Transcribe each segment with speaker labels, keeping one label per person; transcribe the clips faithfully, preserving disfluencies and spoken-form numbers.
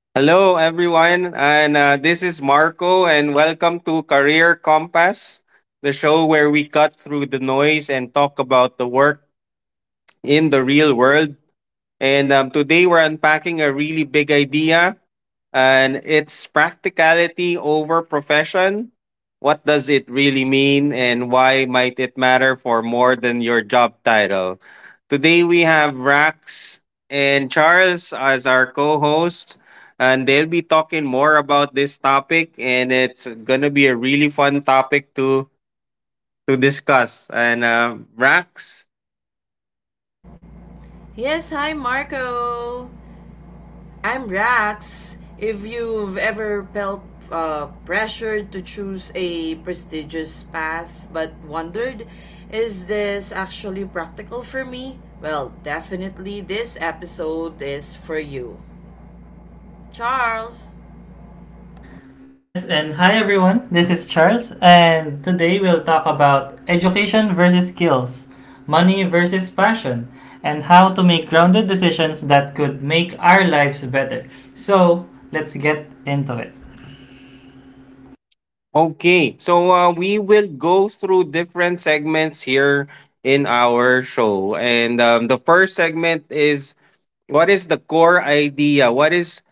Speaker 1: Hello, everyone, and uh, this is Marco, and welcome to Career Compass, the show where we cut through the noise and talk about the work in the real world. And um, Today we're unpacking a really big idea, and it's practicality over profession. What does it really mean and why might it matter for more than your job title? Today we have Rax and Charles as our co-hosts, and they'll be talking more about this topic, and it's going to be a really fun topic to to discuss. And uh, Rax,
Speaker 2: Yes, hi Marco. I'm Rax. If you've ever felt uh, pressured to choose a prestigious path but wondered, is this actually practical for me? Well, definitely this episode is for you. Charles!
Speaker 3: Yes, and hi everyone. This is Charles, and today we'll talk about education versus skills, money versus passion, and how to make grounded decisions that could make our lives better. So, let's get into it.
Speaker 1: okay, so uh, we will go through different segments here in our show, and um, the first segment is what is the core idea? What is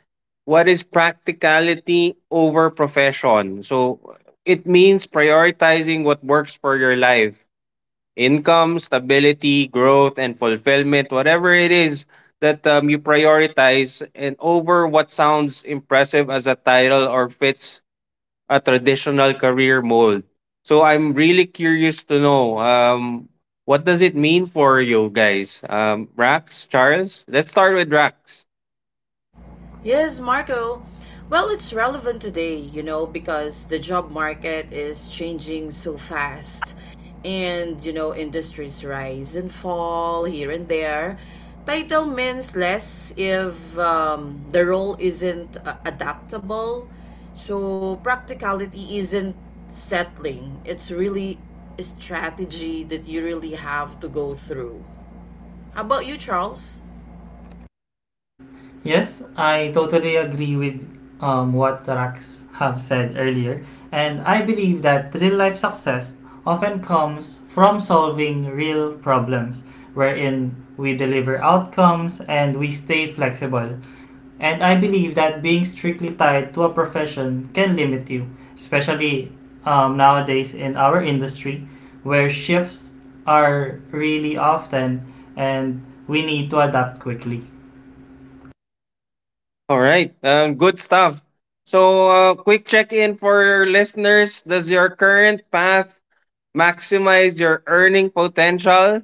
Speaker 1: What is practicality over profession? So it means prioritizing what works for your life: income, stability, growth, and fulfillment. Whatever it is that um, you prioritize, and over what sounds impressive as a title or fits a traditional career mold. So I'm really curious to know, um, what does it mean for you guys? um, Rax, Charles? Let's start with Rax.
Speaker 2: Yes, Marco. Well, it's relevant today, you know, because the job market is changing so fast. And, you know, industries rise and fall here and there. Title means less if um, the role isn't uh, adaptable. So, practicality isn't settling, it's really a strategy that you really have to go through. How about you, Charles?
Speaker 3: Yes, I totally agree with um, what the Rax have said earlier, and I believe that real life success often comes from solving real problems, wherein we deliver outcomes and we stay flexible. And I believe that being strictly tied to a profession can limit you, especially um, nowadays in our industry where shifts are really often, and we need to adapt quickly.
Speaker 1: All right, um, good stuff. So uh, quick check in for your listeners: does your current path maximize your earning potential,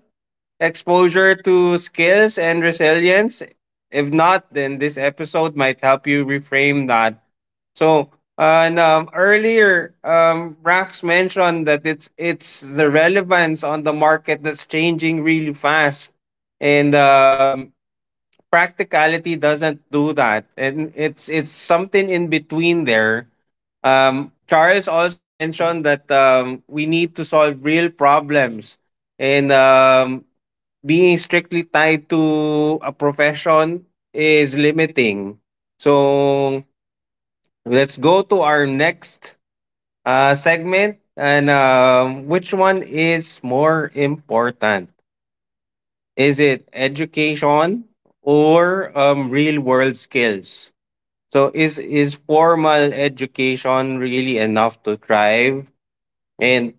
Speaker 1: exposure to skills, and resilience? If not, then this episode might help you reframe that. So, uh, and um, earlier, um, Rax mentioned that it's it's the relevance on the market that's changing really fast, and um, practicality doesn't do that, and it's it's something in between there. Um, Charles also mentioned that um, we need to solve real problems, and um, being strictly tied to a profession is limiting. So let's go to our next uh, segment. And um, Which one is more important? Is it education or um, real world skills? So is is formal education really enough to thrive? And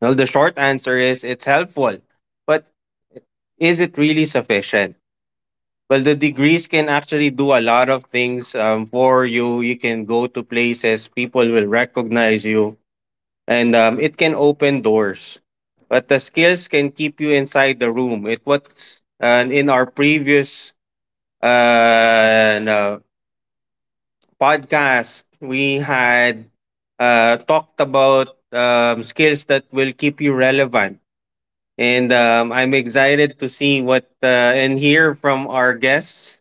Speaker 1: well, the short answer is it's helpful, but is it really sufficient? Well, the degrees can actually do a lot of things um, for you. You can go to places, people will recognize you, and um, it can open doors. But the skills can keep you inside the room. It what's and in our previous uh, and, uh, podcast we had uh, talked about um, skills that will keep you relevant. And um, I'm excited to see what uh, and hear from our guests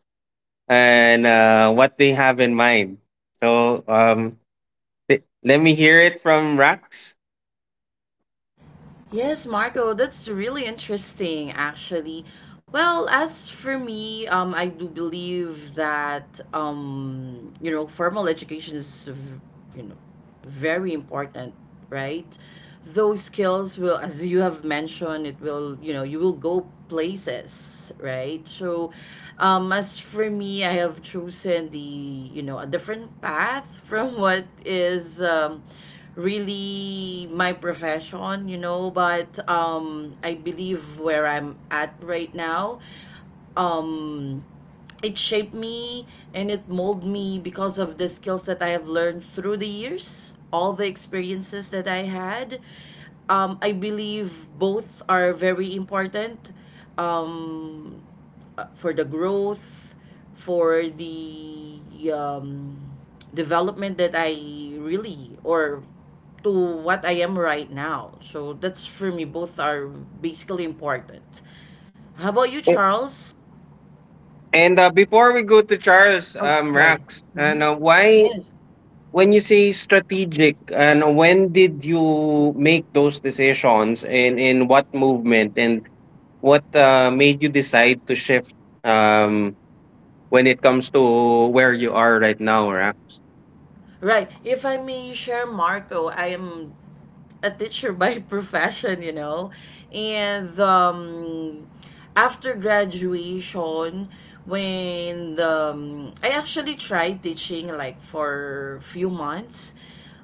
Speaker 1: and uh, what they have in mind. So um, th- let me hear it from Rax.
Speaker 2: Yes, Marco, that's really interesting, actually. Well, as for me, um, I do believe that um, you know, formal education is, v- you know, very important, right? Those skills will, as you have mentioned, it will, you know, you will go places, right? So, um, as for me, I have chosen the, you know, a different path from what is, um, really my profession, you know, but um I believe where I'm at right now um it shaped me and it molded me because of the skills that I have learned through the years, all the experiences that I had. Um, I believe both are very important. Um, uh, for the growth, for the um, development that I really or to what I am right now. So that's for me. Both are basically important. How about you,
Speaker 1: A-
Speaker 2: Charles?
Speaker 1: And uh, Before we go to Charles,
Speaker 2: Oh,
Speaker 1: um,
Speaker 2: sorry.
Speaker 1: Rax,
Speaker 2: Mhm.
Speaker 1: and uh, why
Speaker 2: Yes.
Speaker 1: when you say strategic, and when did you make those decisions, and in what movement, and what uh, made you decide to shift, um, when it comes to where you are right now?
Speaker 2: Right. If I may share, Marco, I am a teacher by profession, you know. And um, after graduation, when um, I actually tried teaching like for few months,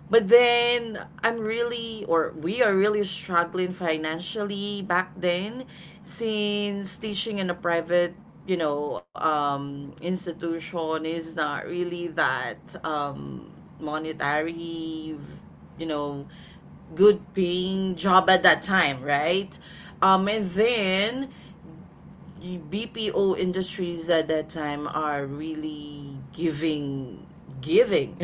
Speaker 2: but then I'm really or we are really struggling financially back then, since teaching in a private you know um, institution is not really that um, monetary, you know, good paying job at that time, right? Um, and then the B P O industries at that time are really giving, giving.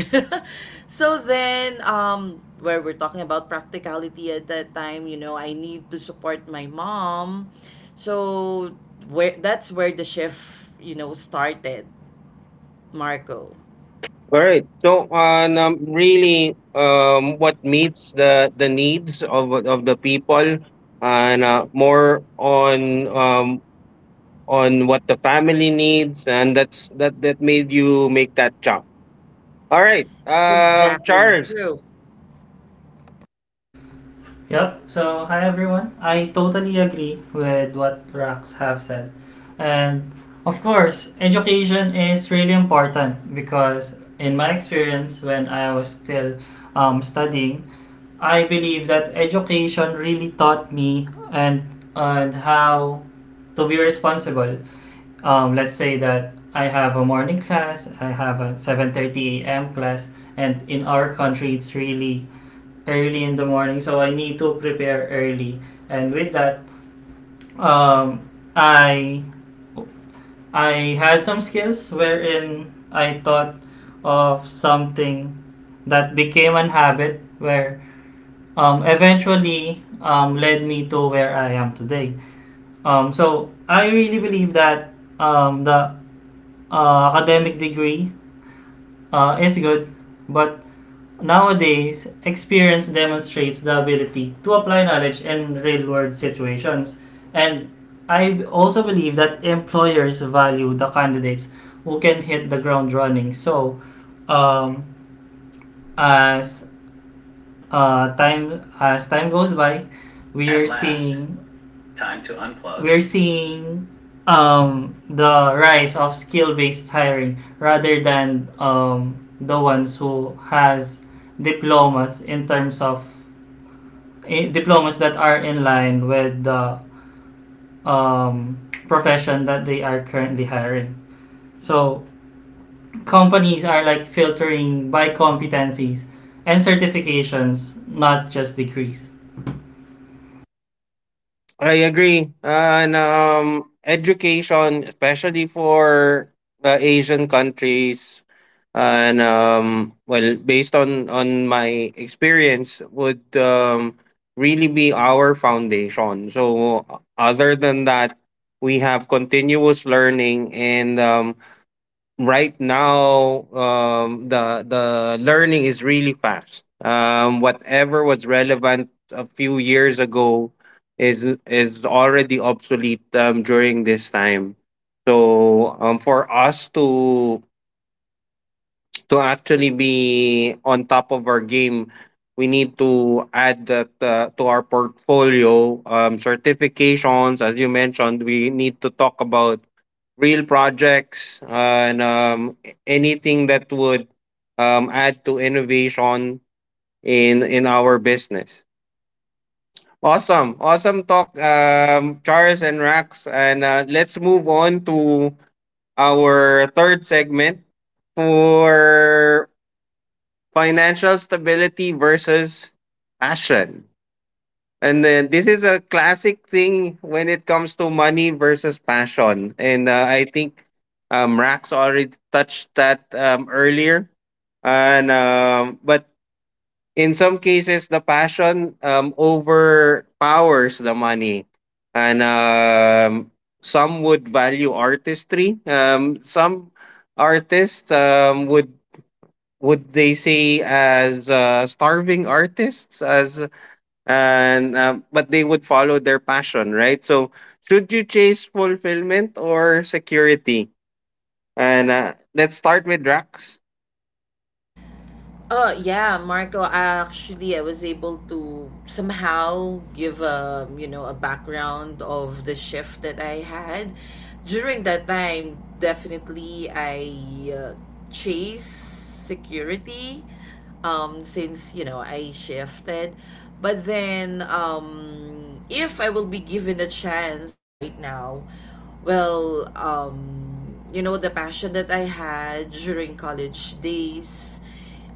Speaker 2: So then, um, where we're talking about practicality at that time, you know, I need to support my mom. So where that's where the shift, you know, started, Marco.
Speaker 1: All right. So, on um, really, um, what meets the the needs of of the people, and uh, more on um, on what the family needs, and that's that that made you make that jump. All right, uh,
Speaker 2: Exactly.
Speaker 1: Charles.
Speaker 2: True.
Speaker 3: Yep, so hi everyone. I totally agree with what Rax have said. And of course, education is really important because in my experience when I was still um, studying, I believe that education really taught me and and how to be responsible. Um, let's say that I have a morning class, I have a seven thirty a m class, and in our country it's really early in the morning, so I need to prepare early. And with that, um, I I had some skills wherein I thought of something that became an habit where um, eventually um, led me to where I am today. Um, so I really believe that um, the uh, academic degree uh, is good, but nowadays experience demonstrates the ability to apply knowledge in real world situations. And I also believe that employers value the candidates who can hit the ground running. So um, as uh, time as time goes by, we At are last. Seeing Time to unplug. We're seeing um, the rise of skill-based hiring rather than um, the ones who has diplomas in terms of eh, diplomas that are in line with the um, profession that they are currently hiring. So companies are like filtering by competencies and certifications, not just degrees.
Speaker 1: I agree. Uh, And um, Education, especially for uh, Asian countries, and um, well, based on on my experience, would um, really be our foundation. So, uh, other than that, we have continuous learning, and um, right now um the the learning is really fast. Um whatever was relevant a few years ago is is already obsolete um during this time, so um for us to to actually be on top of our game, we need to add that uh, to our portfolio, um, certifications. As you mentioned, we need to talk about real projects and um, anything that would um, add to innovation in in our business. Awesome, awesome talk, um, Charles and Rax, and uh, let's move on to our third segment for financial stability versus passion. And then this is a classic thing when it comes to money versus passion. And uh, I think um, Rax already touched that um, earlier. And um, But in some cases, the passion um, overpowers the money, and um, some would value artistry. Um, some artists um, would would they say as uh, starving artists, as and um, but they would follow their passion, right? So should you chase fulfillment or security? And uh, let's start with Rax.
Speaker 2: Oh, yeah, Marco, actually, I was able to somehow give a, you know, a background of the shift that I had. During that time, definitely I uh, chase security um since, you know, I shifted. But then um if I will be given a chance right now, well, um you know, the passion that I had during college days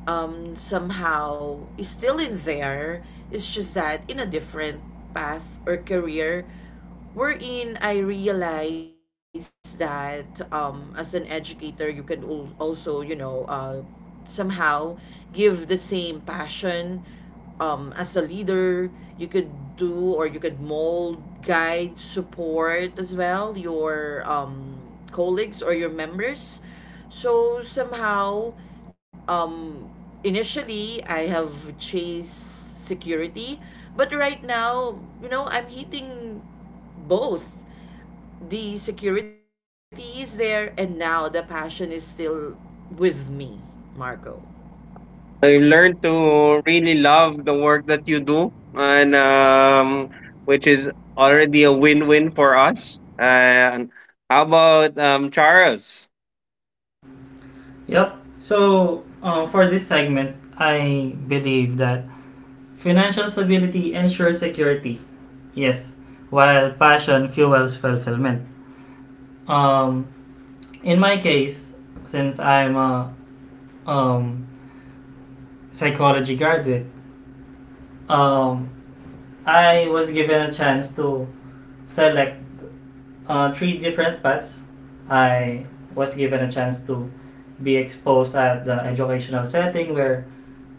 Speaker 2: um, somehow is still in there. It's just that in a different path or career wherein I realized that um, as an educator, you can al- also, you know, uh, somehow give the same passion um, as a leader. You could do or you could mold, guide, support as well your um, colleagues or your members so somehow, um, initially I have chased security, but right now, you know, I'm hitting both. The security is there, and now the passion is still with me, Marco.
Speaker 1: So you learn to really love the work that you do, and um, which is already a win-win for us. And how about um, Charles?
Speaker 3: Yep. So uh, for this segment, I believe that financial stability ensures security. Yes, while passion fuels fulfillment. Um, in my case, since I'm a um, psychology graduate, um, I was given a chance to select uh, three different paths. I was given a chance to be exposed at the educational setting where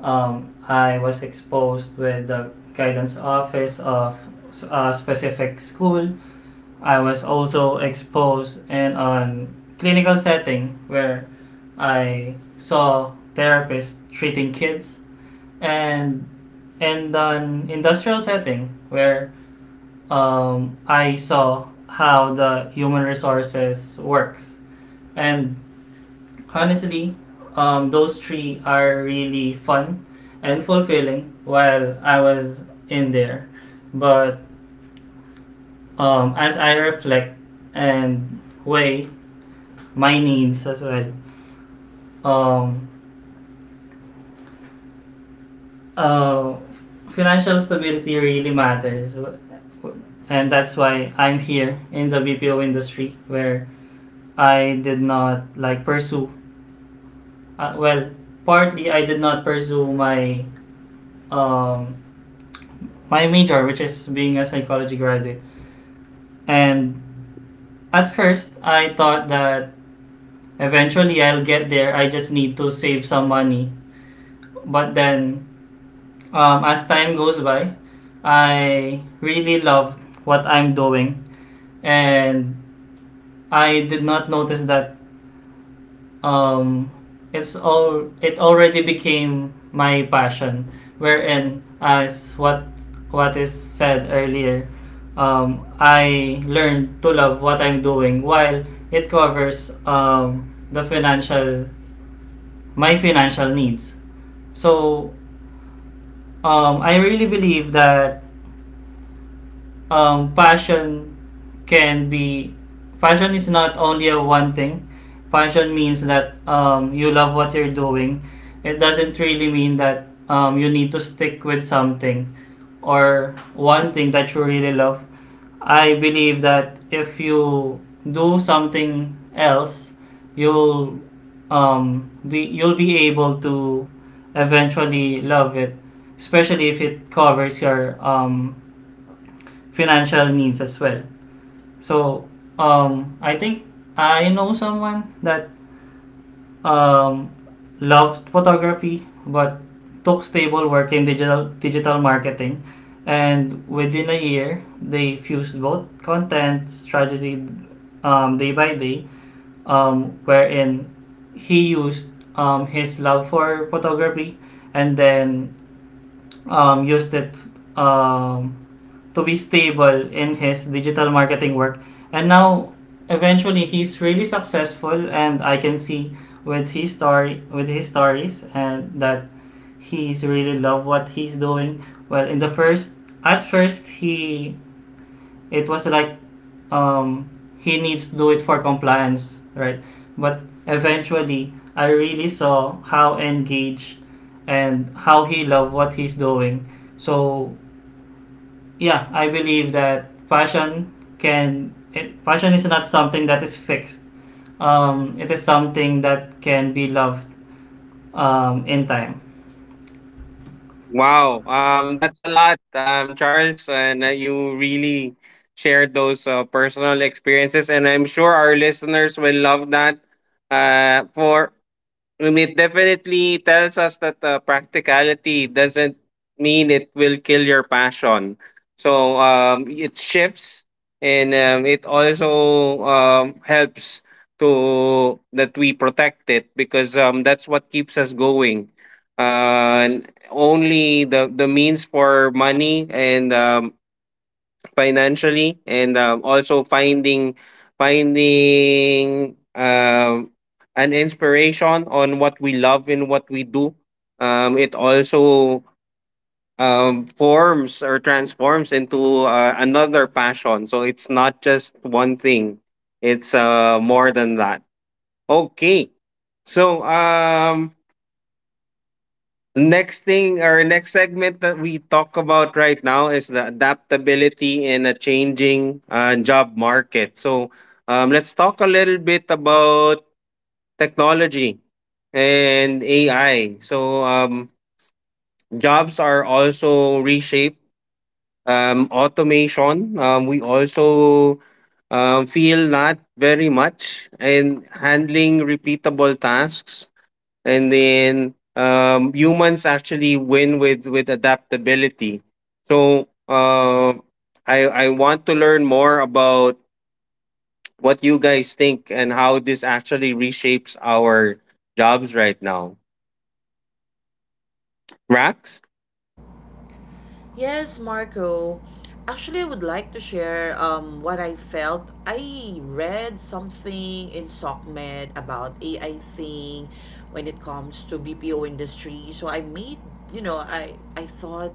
Speaker 3: um, I was exposed with the guidance office of s- a specific school. I was also exposed in a clinical setting where I saw therapists treating kids, and in an industrial setting where um, I saw how the human resources works. And honestly, um, those three are really fun and fulfilling while I was in there. But um, as I reflect and weigh my needs as well. Um, uh, Financial stability really matters, and that's why I'm here in the B P O industry where I did not like pursue. Uh, well, partly I did not pursue my um, my major, which is being a psychology graduate. And at first, I thought that eventually I'll get there. I just need to save some money. But then, Um, as time goes by, I really loved what I'm doing, and I did not notice that um, it's all it already became my passion. Wherein, as what what is said earlier, um, I learned to love what I'm doing while it covers um, the financial my financial needs. So, um, I really believe that um, passion can be passion is not only a one thing. Passion means that um, you love what you're doing. It doesn't really mean that um, you need to stick with something or one thing that you really love. I believe that if you do something else, you'll um, be you'll be able to eventually love it, especially if it covers your um, financial needs as well. So, um, I think I know someone that um, loved photography but took stable work in digital digital marketing, and within a year they fused both content strategy um, day by day, um, wherein he used um, his love for photography and then um, used it um, to be stable in his digital marketing work. And now, eventually, he's really successful, and I can see with his story, with his stories, and that he's really love what he's doing. Well, in the first, at first, he it was like, um, he needs to do it for compliance, right? But eventually, I really saw how engaged and how he loved what he's doing. So yeah, I believe that passion can it, passion is not something that is fixed. Um, it is something that can be loved um, in time.
Speaker 1: Wow, um, that's a lot, um, Charles, and uh, you really shared those uh, personal experiences, and I'm sure our listeners will love that. Uh, for And it definitely tells us that, uh, practicality doesn't mean it will kill your passion. So, um, it shifts and, um, it also, um, helps to that we protect it, because, um, that's what keeps us going. Uh, and only the the means for money and, um, financially, and um, also finding finding um, an inspiration on what we love and what we do. Um, it also um, forms or transforms into uh, another passion, so it's not just one thing, it's uh, more than that. Okay, so um next thing or next segment that we talk about right now is the adaptability in a changing uh, job market. So um, let's talk a little bit about technology and A I. So um, jobs are also reshaped. Um, automation. Um, we also um, feel not very much in handling repeatable tasks, and then um, humans actually win with with adaptability. So uh, I I want to learn more about what you guys think and how this actually reshapes our jobs right now. Max.
Speaker 2: Yes, Marco. Actually, I would like to share um, what I felt. I read something in SOCMED about A I thing when it comes to B P O industry. So I made, you know, I I thought,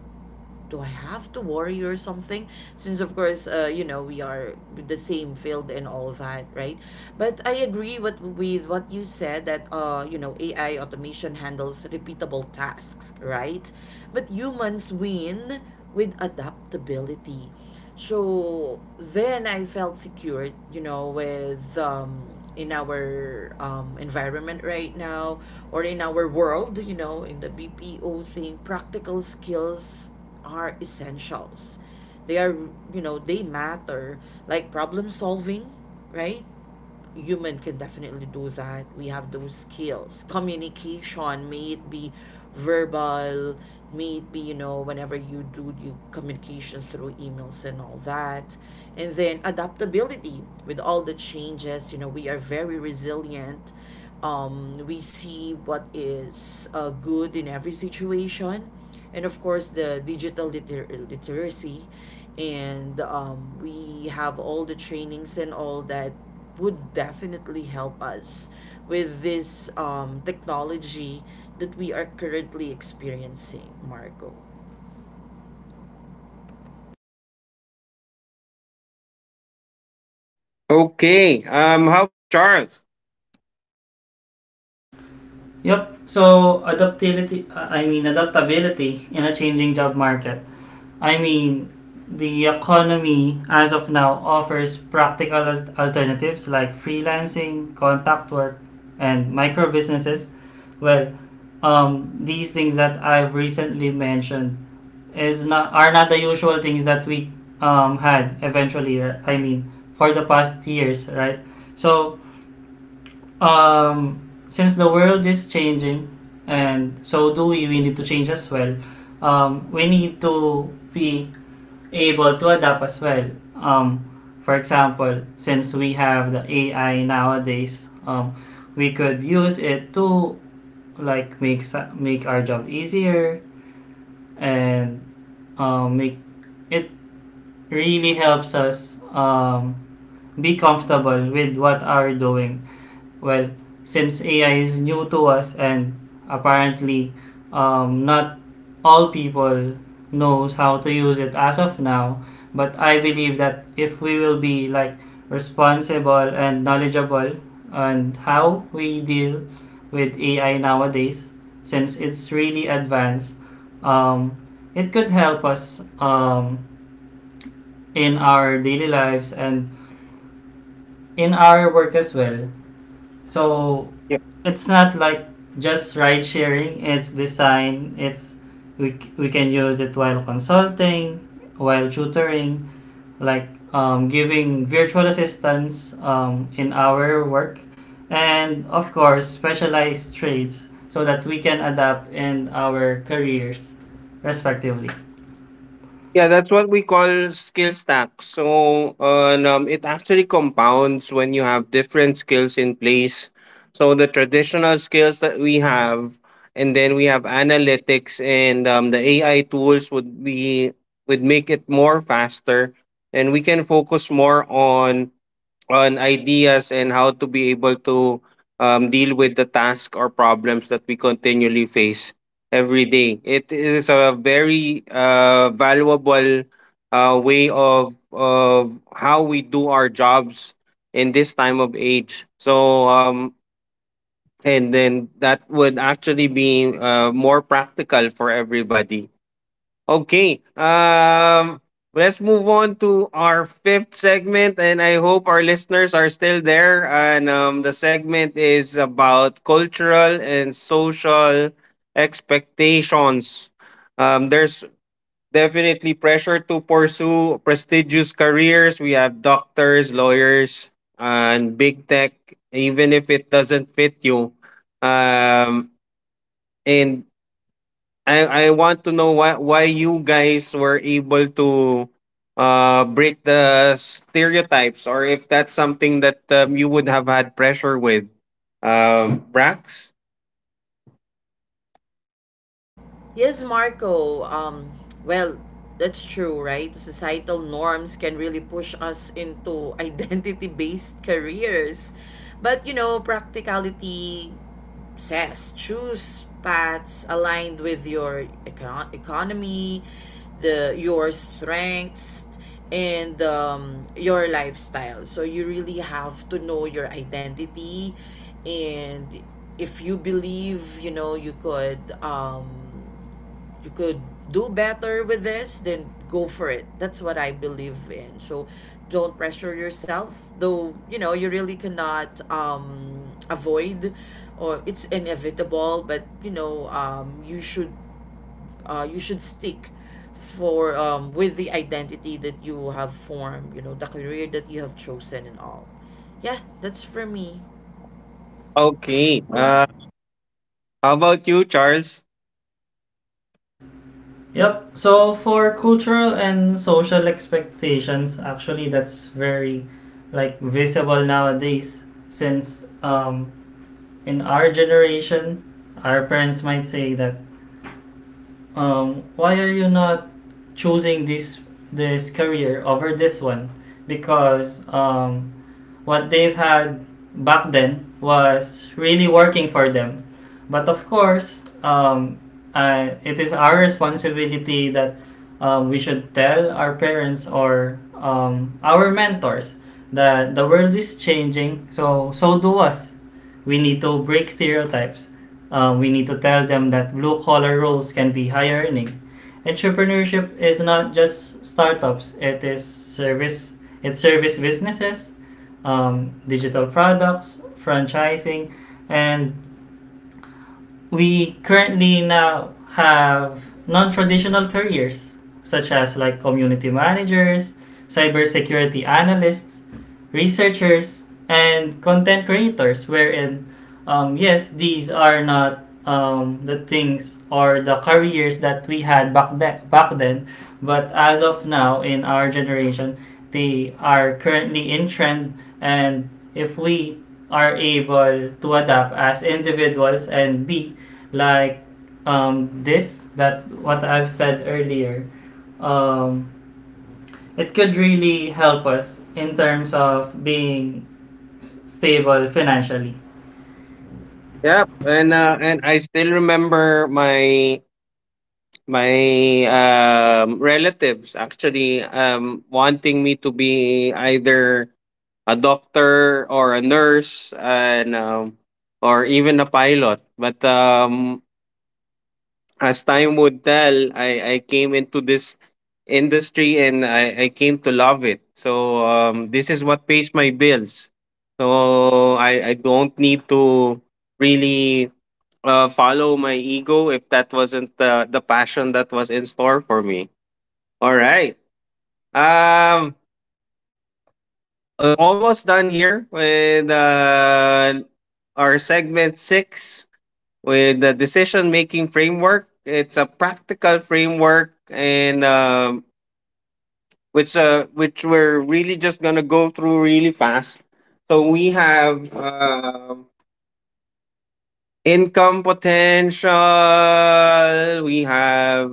Speaker 2: do I have to worry or something? Since of course, uh, you know, we are the same field and all that, right? But I agree with with what you said that uh, you know, A I automation handles repeatable tasks, right? But humans win with adaptability. So then I felt secured, you know, with um, in our um, environment right now or in our world, you know, in the B P O thing, practical skills are essentials. They are, you know, they matter, like problem solving, right? Human can definitely do that. We have those skills. Communication, may it be verbal, may it be, you know, whenever you do your communication through emails and all that. And then adaptability with all the changes, you know, we are very resilient. Um, we see what is uh, good in every situation. And of course the digital liter- literacy, and um, we have all the trainings and all that would definitely help us with this um, technology that we are currently experiencing, Marco.
Speaker 1: Okay. Um. How about Charles?
Speaker 3: Yep. So adaptability, I mean adaptability in a changing job market. I mean, the economy as of now offers practical al- alternatives like freelancing, contact work, and micro businesses. Well, um, these things that I've recently mentioned is not are not the usual things that we um, had eventually. r- I mean, for the past years, right? So, um, since the world is changing, and so do we, we need to change as well. Um, we need to be able to adapt as well. Um, for example, since we have the A I nowadays, um, we could use it to like make sa- make our job easier, and um, make it really helps us um, be comfortable with what are doing. Well, since A I is new to us and apparently um, not all people knows how to use it as of now, but I believe that if we will be like responsible and knowledgeable and how we deal with A I nowadays, since it's really advanced, um, it could help us um, in our daily lives and in our work as well. So it's not like just ride sharing. It's design. It's we c- we can use it while consulting, while tutoring, like um, giving virtual assistance um, in our work, and of course specialized trades so that we can adapt in our careers respectively.
Speaker 1: Yeah, that's what we call skill stack. So, uh, and, um, it actually compounds when you have different skills in place. So the traditional skills that we have, and then we have analytics and um, the A I tools would be would make it more faster, and we can focus more on on ideas and how to be able to um, deal with the task or problems that we continually face every day. It is a very uh, valuable uh, way of of how we do our jobs in this time of age. So um, and then that would actually be uh, more practical for everybody. Okay. Um let's move on to our fifth segment, and I hope our listeners are still there. And um the segment is about cultural and social expectations. Um there's definitely pressure to pursue prestigious careers. We have doctors, lawyers, and big tech, even if it doesn't fit you. Um and I I want to know why why you guys were able to uh break the stereotypes, or if that's something that um, you would have had pressure with. um Brax.
Speaker 2: Yes, Marco. Um, well, that's true, right? Societal norms can really push us into identity based careers. But, you know, practicality says choose paths aligned with your econ- economy, the your strengths, and um, your lifestyle. So you really have to know your identity, and if you believe, you know, you could um, you could do better with this, then go for it. That's what I believe in. So don't pressure yourself, though, you know, you really cannot um, avoid or it's inevitable, but you know, um, you should uh, you should stick for um, with the identity that you have formed, you know, the career that you have chosen and all. Yeah, that's for me.
Speaker 1: Okay. Uh, How about you, Charles?
Speaker 3: Yep. So for cultural and social expectations, actually that's very like visible nowadays, since um, in our generation, our parents might say that, um, why are you not choosing this this career over this one? Because um, what they've had back then was really working for them. But of course, um, uh, it is our responsibility that um, we should tell our parents or um, our mentors that the world is changing. So, so do us. We need to break stereotypes. Uh, we need to tell them that blue collar roles can be high earning. Entrepreneurship is not just startups. It is service. It's service businesses, um, digital products, franchising, and we currently now have non-traditional careers such as like community managers, cybersecurity analysts, researchers, and content creators. Wherein, um, yes, these are not um, the things or the careers that we had back then. Back then, but as of now in our generation, they are currently in trend, and if we are able to adapt as individuals and be like, um, this that what I've said earlier. Um, it could really help us in terms of being s- stable financially.
Speaker 1: Yep, and uh, and I still remember my my um, relatives actually um, wanting me to be either a doctor or a nurse, and um, or even a pilot, but um as time would tell, i i came into this industry, and i i came to love it. So um this is what pays my bills, so i i don't need to really uh, follow my ego if that wasn't the the passion that was in store for me. All right. um uh, Almost done here with uh, our segment six with the decision making framework. It's a practical framework, and um, which uh, which we're really just gonna go through really fast. So we have um income potential. We have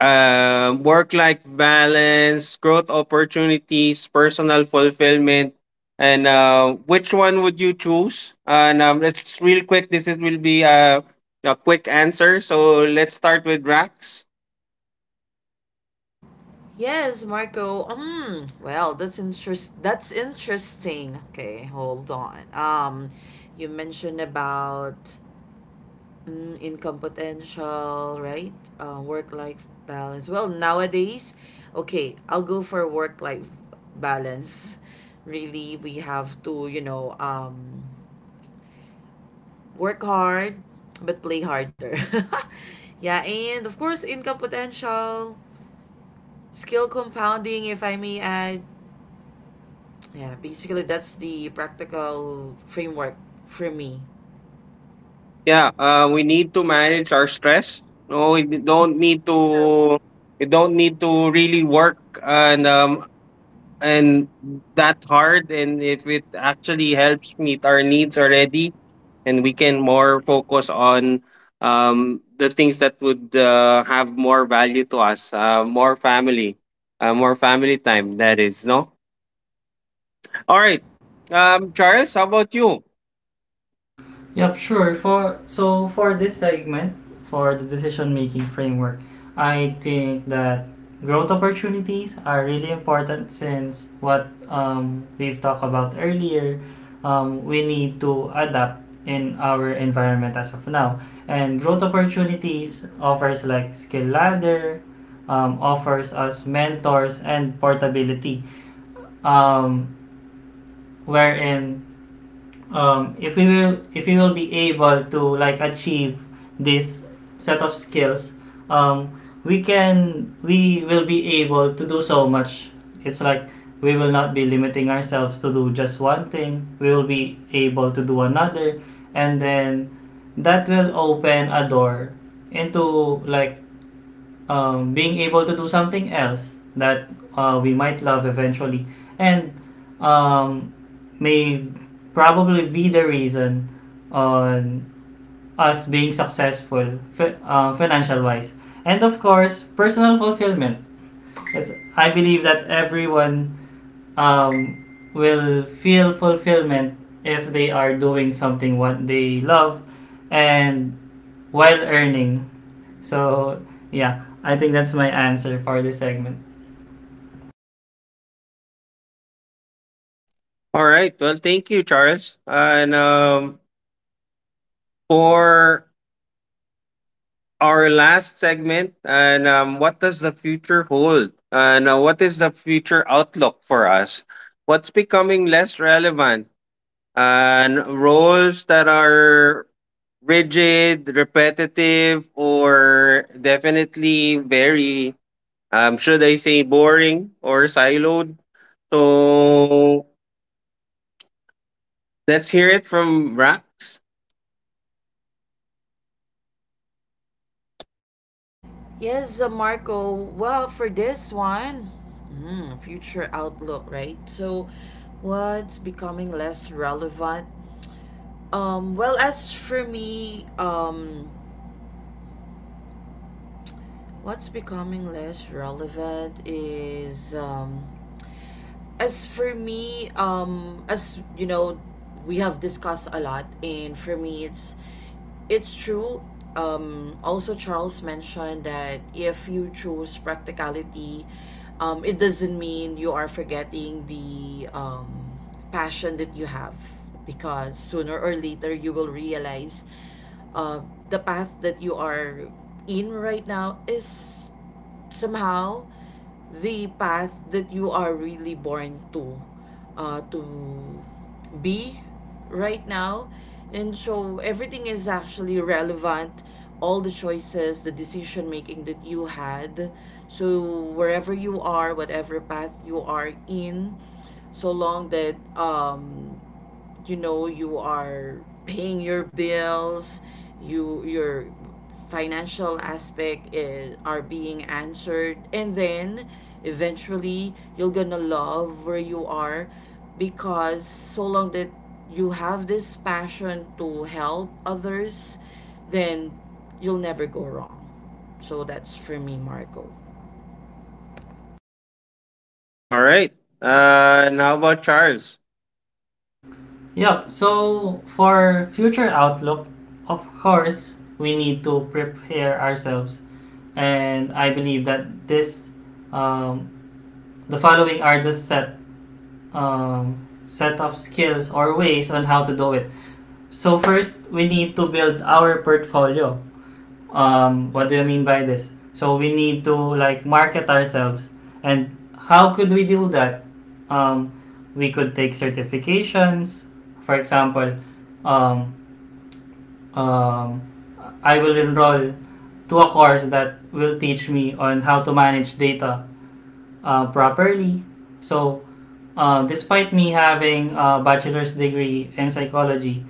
Speaker 1: Uh, work life balance, growth opportunities, personal fulfillment. And uh, which one would you choose? And um, let's real quick. This is, will be a, a quick answer. So let's start with Rax.
Speaker 2: Yes, Marco. Mm, well, that's interest. That's interesting. Okay, hold on. Um, you mentioned about mm, income potential, right? Uh, work-life balance. Well, nowadays, okay, I'll go for work-life balance. Really, we have to, you know, um, work hard, but play harder. Yeah, and of course, income potential, skill compounding, if I may add. Yeah, basically that's the practical framework for me.
Speaker 1: Yeah, uh, we need to manage our stress. No, we don't need to. We don't need to really work and um, and that hard, and if it actually helps meet our needs already, and we can more focus on um, the things that would uh, have more value to us. Uh, more family uh, more family time, that is. No, all right, um, Charles, how about you?
Speaker 3: Yep, sure. For so for this segment, for the decision making framework, I think that growth opportunities are really important, since what um, we've talked about earlier, um, we need to adapt in our environment as of now. And growth opportunities offers like skill ladder, um, offers us mentors and portability, um, wherein, um, if we will if we will be able to like achieve this set of skills, um, we can we will be able to do so much. It's like we will not be limiting ourselves to do just one thing. We will be able to do another, and then that will open a door into like, um, being able to do something else that uh, we might love eventually, and um, may probably be the reason on us being successful fi- uh, financial wise. And of course personal fulfillment. it's, I believe that everyone um, will feel fulfillment if they are doing something what they love and while earning. So yeah, I think that's my answer for this segment.
Speaker 1: All right, well, thank you, Charles, and um, for our last segment, and um, what does the future hold? And uh, what is the future outlook for us? What's becoming less relevant? And roles that are rigid, repetitive, or definitely very, um, should I say, boring or siloed. So let's hear it from Rax.
Speaker 2: Yes, uh, Marco. Well, for this one, mm, future outlook, right? So, what's becoming less relevant? Um, well, as for me, um, what's becoming less relevant is um, as for me, um, as you know, we have discussed a lot, and for me, it's it's true. Um, also, Charles mentioned that if you choose practicality, um, it doesn't mean you are forgetting the um, passion that you have, because sooner or later you will realize uh, the path that you are in right now is somehow the path that you are really born to uh, to be right now, and so everything is actually relevant, all the choices, the decision making that you had. So wherever you are, whatever path you are in, so long that um you know, you are paying your bills, you your financial aspect is, are being answered, and then eventually you're gonna love where you are, because so long that you have this passion to help others, then you'll never go wrong. So that's for me, Marco.
Speaker 1: All right, uh, and how about Charles?
Speaker 3: Yep. So for future outlook, of course, we need to prepare ourselves, and I believe that this, um, the following are the set, um, set of skills or ways on how to do it. So first, we need to build our portfolio. um, what do you mean by this? So we need to like market ourselves, and how could we do that? Um, we could take certifications, for example. um, um, I will enroll to a course that will teach me on how to manage data uh, properly. So, uh, despite me having a bachelor's degree in psychology,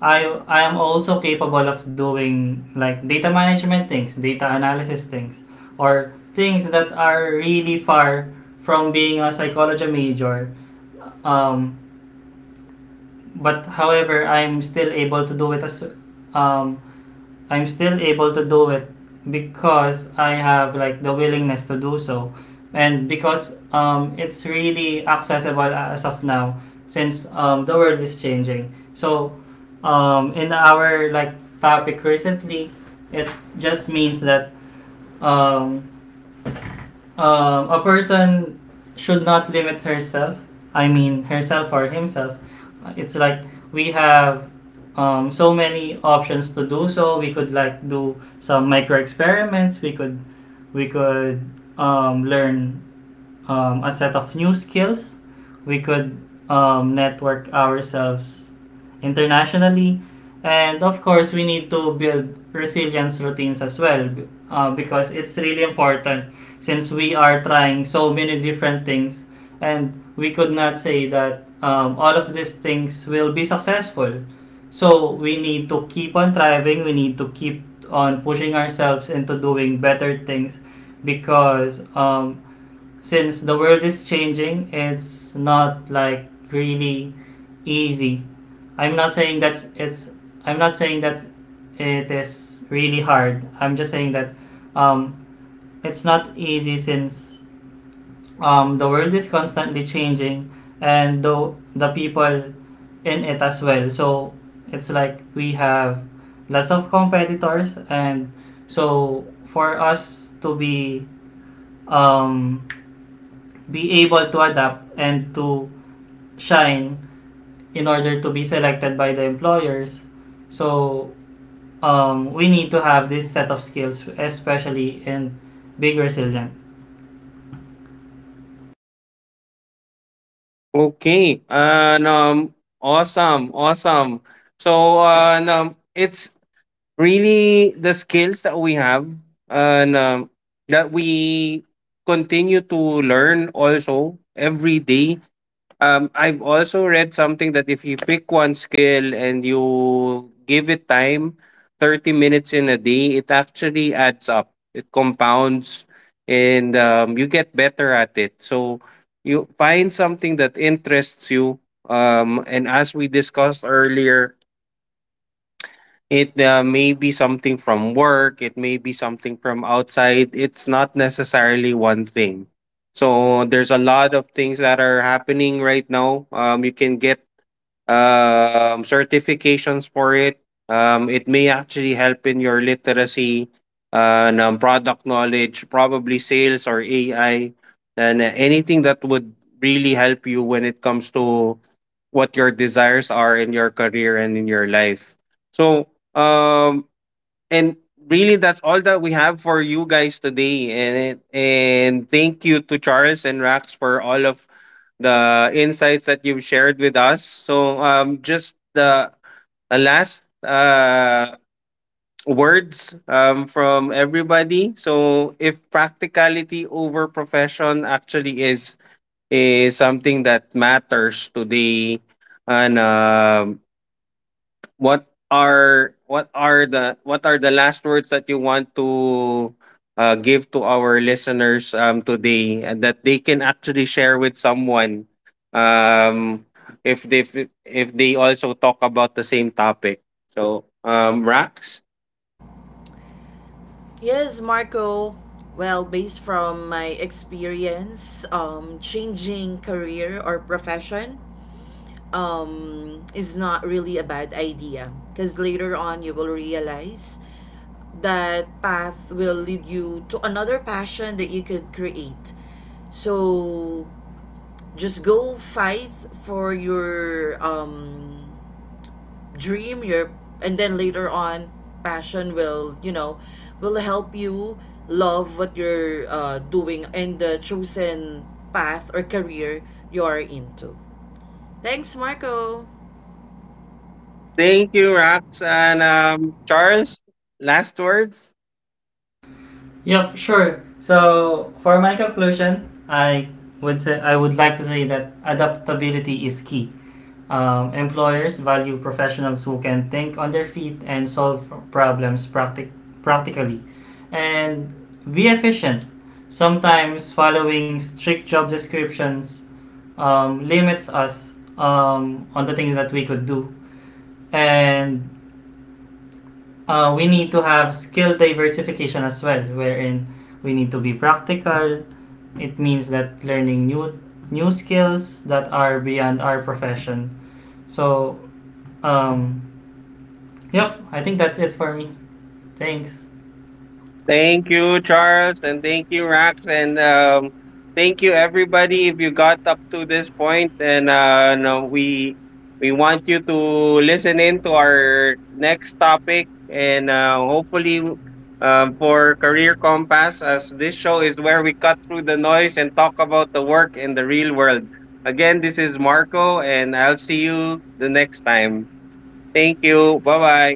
Speaker 3: I I am also capable of doing like data management things, data analysis things, or things that are really far from being a psychology major. Um, but however, I'm still able to do it as um, I'm still able to do it because I have like the willingness to do so, and because um, it's really accessible as of now, since um, the world is changing. So, um, in our like topic recently, it just means that um, um, a person should not limit herself. I mean, herself or himself. Uh, It's like we have um, so many options to do so. We could like do some micro experiments. We could we could um, learn um, a set of new skills. We could um, network ourselves internationally. And of course, we need to build resilience routines as well, uh, because it's really important, since we are trying so many different things, and we could not say that um, all of these things will be successful. So we need to keep on thriving, we need to keep on pushing ourselves into doing better things, because um, since the world is changing, it's not like really easy. I'm not saying that it's. I'm not saying that it is really hard. I'm just saying that um, it's not easy, since um, the world is constantly changing, and the the people in it as well. So it's like we have lots of competitors, and so for us to be um, be able to adapt and to shine in order to be selected by the employers. So, um, we need to have this set of skills, especially in being resilient.
Speaker 1: Okay, and, um, awesome, awesome. So, uh, and, um, it's really the skills that we have and, um, that we continue to learn also every day. Um, I've also read something that if you pick one skill and you give it time, thirty minutes in a day, it actually adds up. It compounds, and um, you get better at it. So you find something that interests you. Um, and as we discussed earlier, it uh, may be something from work, it may be something from outside. It's not necessarily one thing. So there's a lot of things that are happening right now. Um, you can get um, certifications for it. Um, it may actually help in your literacy, uh, ng product knowledge, probably sales or A I, and uh, anything that would really help you when it comes to what your desires are in your career and in your life. So, um, and really, that's all that we have for you guys today. And and Thank you to Charles and Rax for all of the insights that you've shared with us. So, um, just the a last uh, words um, from everybody. So, if practicality over profession actually is is something that matters today, and um what are what are the what are the last words that you want to uh, give to our listeners um, today, and that they can actually share with someone, um, if they if, if they also talk about the same topic. So um, Rax.
Speaker 2: Yes, Marco. Well, based from my experience, um, changing career or profession um, is not really a bad idea because later on you will realize that path will lead you to another passion that you could create. So just go fight for your um, dream your, and then later on passion will, you know, will help you love what you're uh, doing and the chosen path or career you're into. Thanks, Marco.
Speaker 1: Thank you, Rax, and um, Charles. Last words.
Speaker 3: Yep, sure. So for my conclusion, I would say I would like to say that adaptability is key. Um, employers value professionals who can think on their feet and solve problems practic- practically and be efficient. Sometimes following strict job descriptions um, limits us um, on the things that we could do. And uh, we need to have skill diversification as well, wherein we need to be practical. It means that learning new new skills that are beyond our profession. So, um, Yep, I think that's it for me. Thanks.
Speaker 1: Thank you, Charles, and thank you, Rax, and um, thank you everybody if you got up to this point. And uh, no, we we want you to listen in to our next topic, and uh, hopefully, um, for Career Compass, as this show is where we cut through the noise and talk about the work in the real world. Again, this is Marco, and I'll see you the next time. Thank you. Bye bye.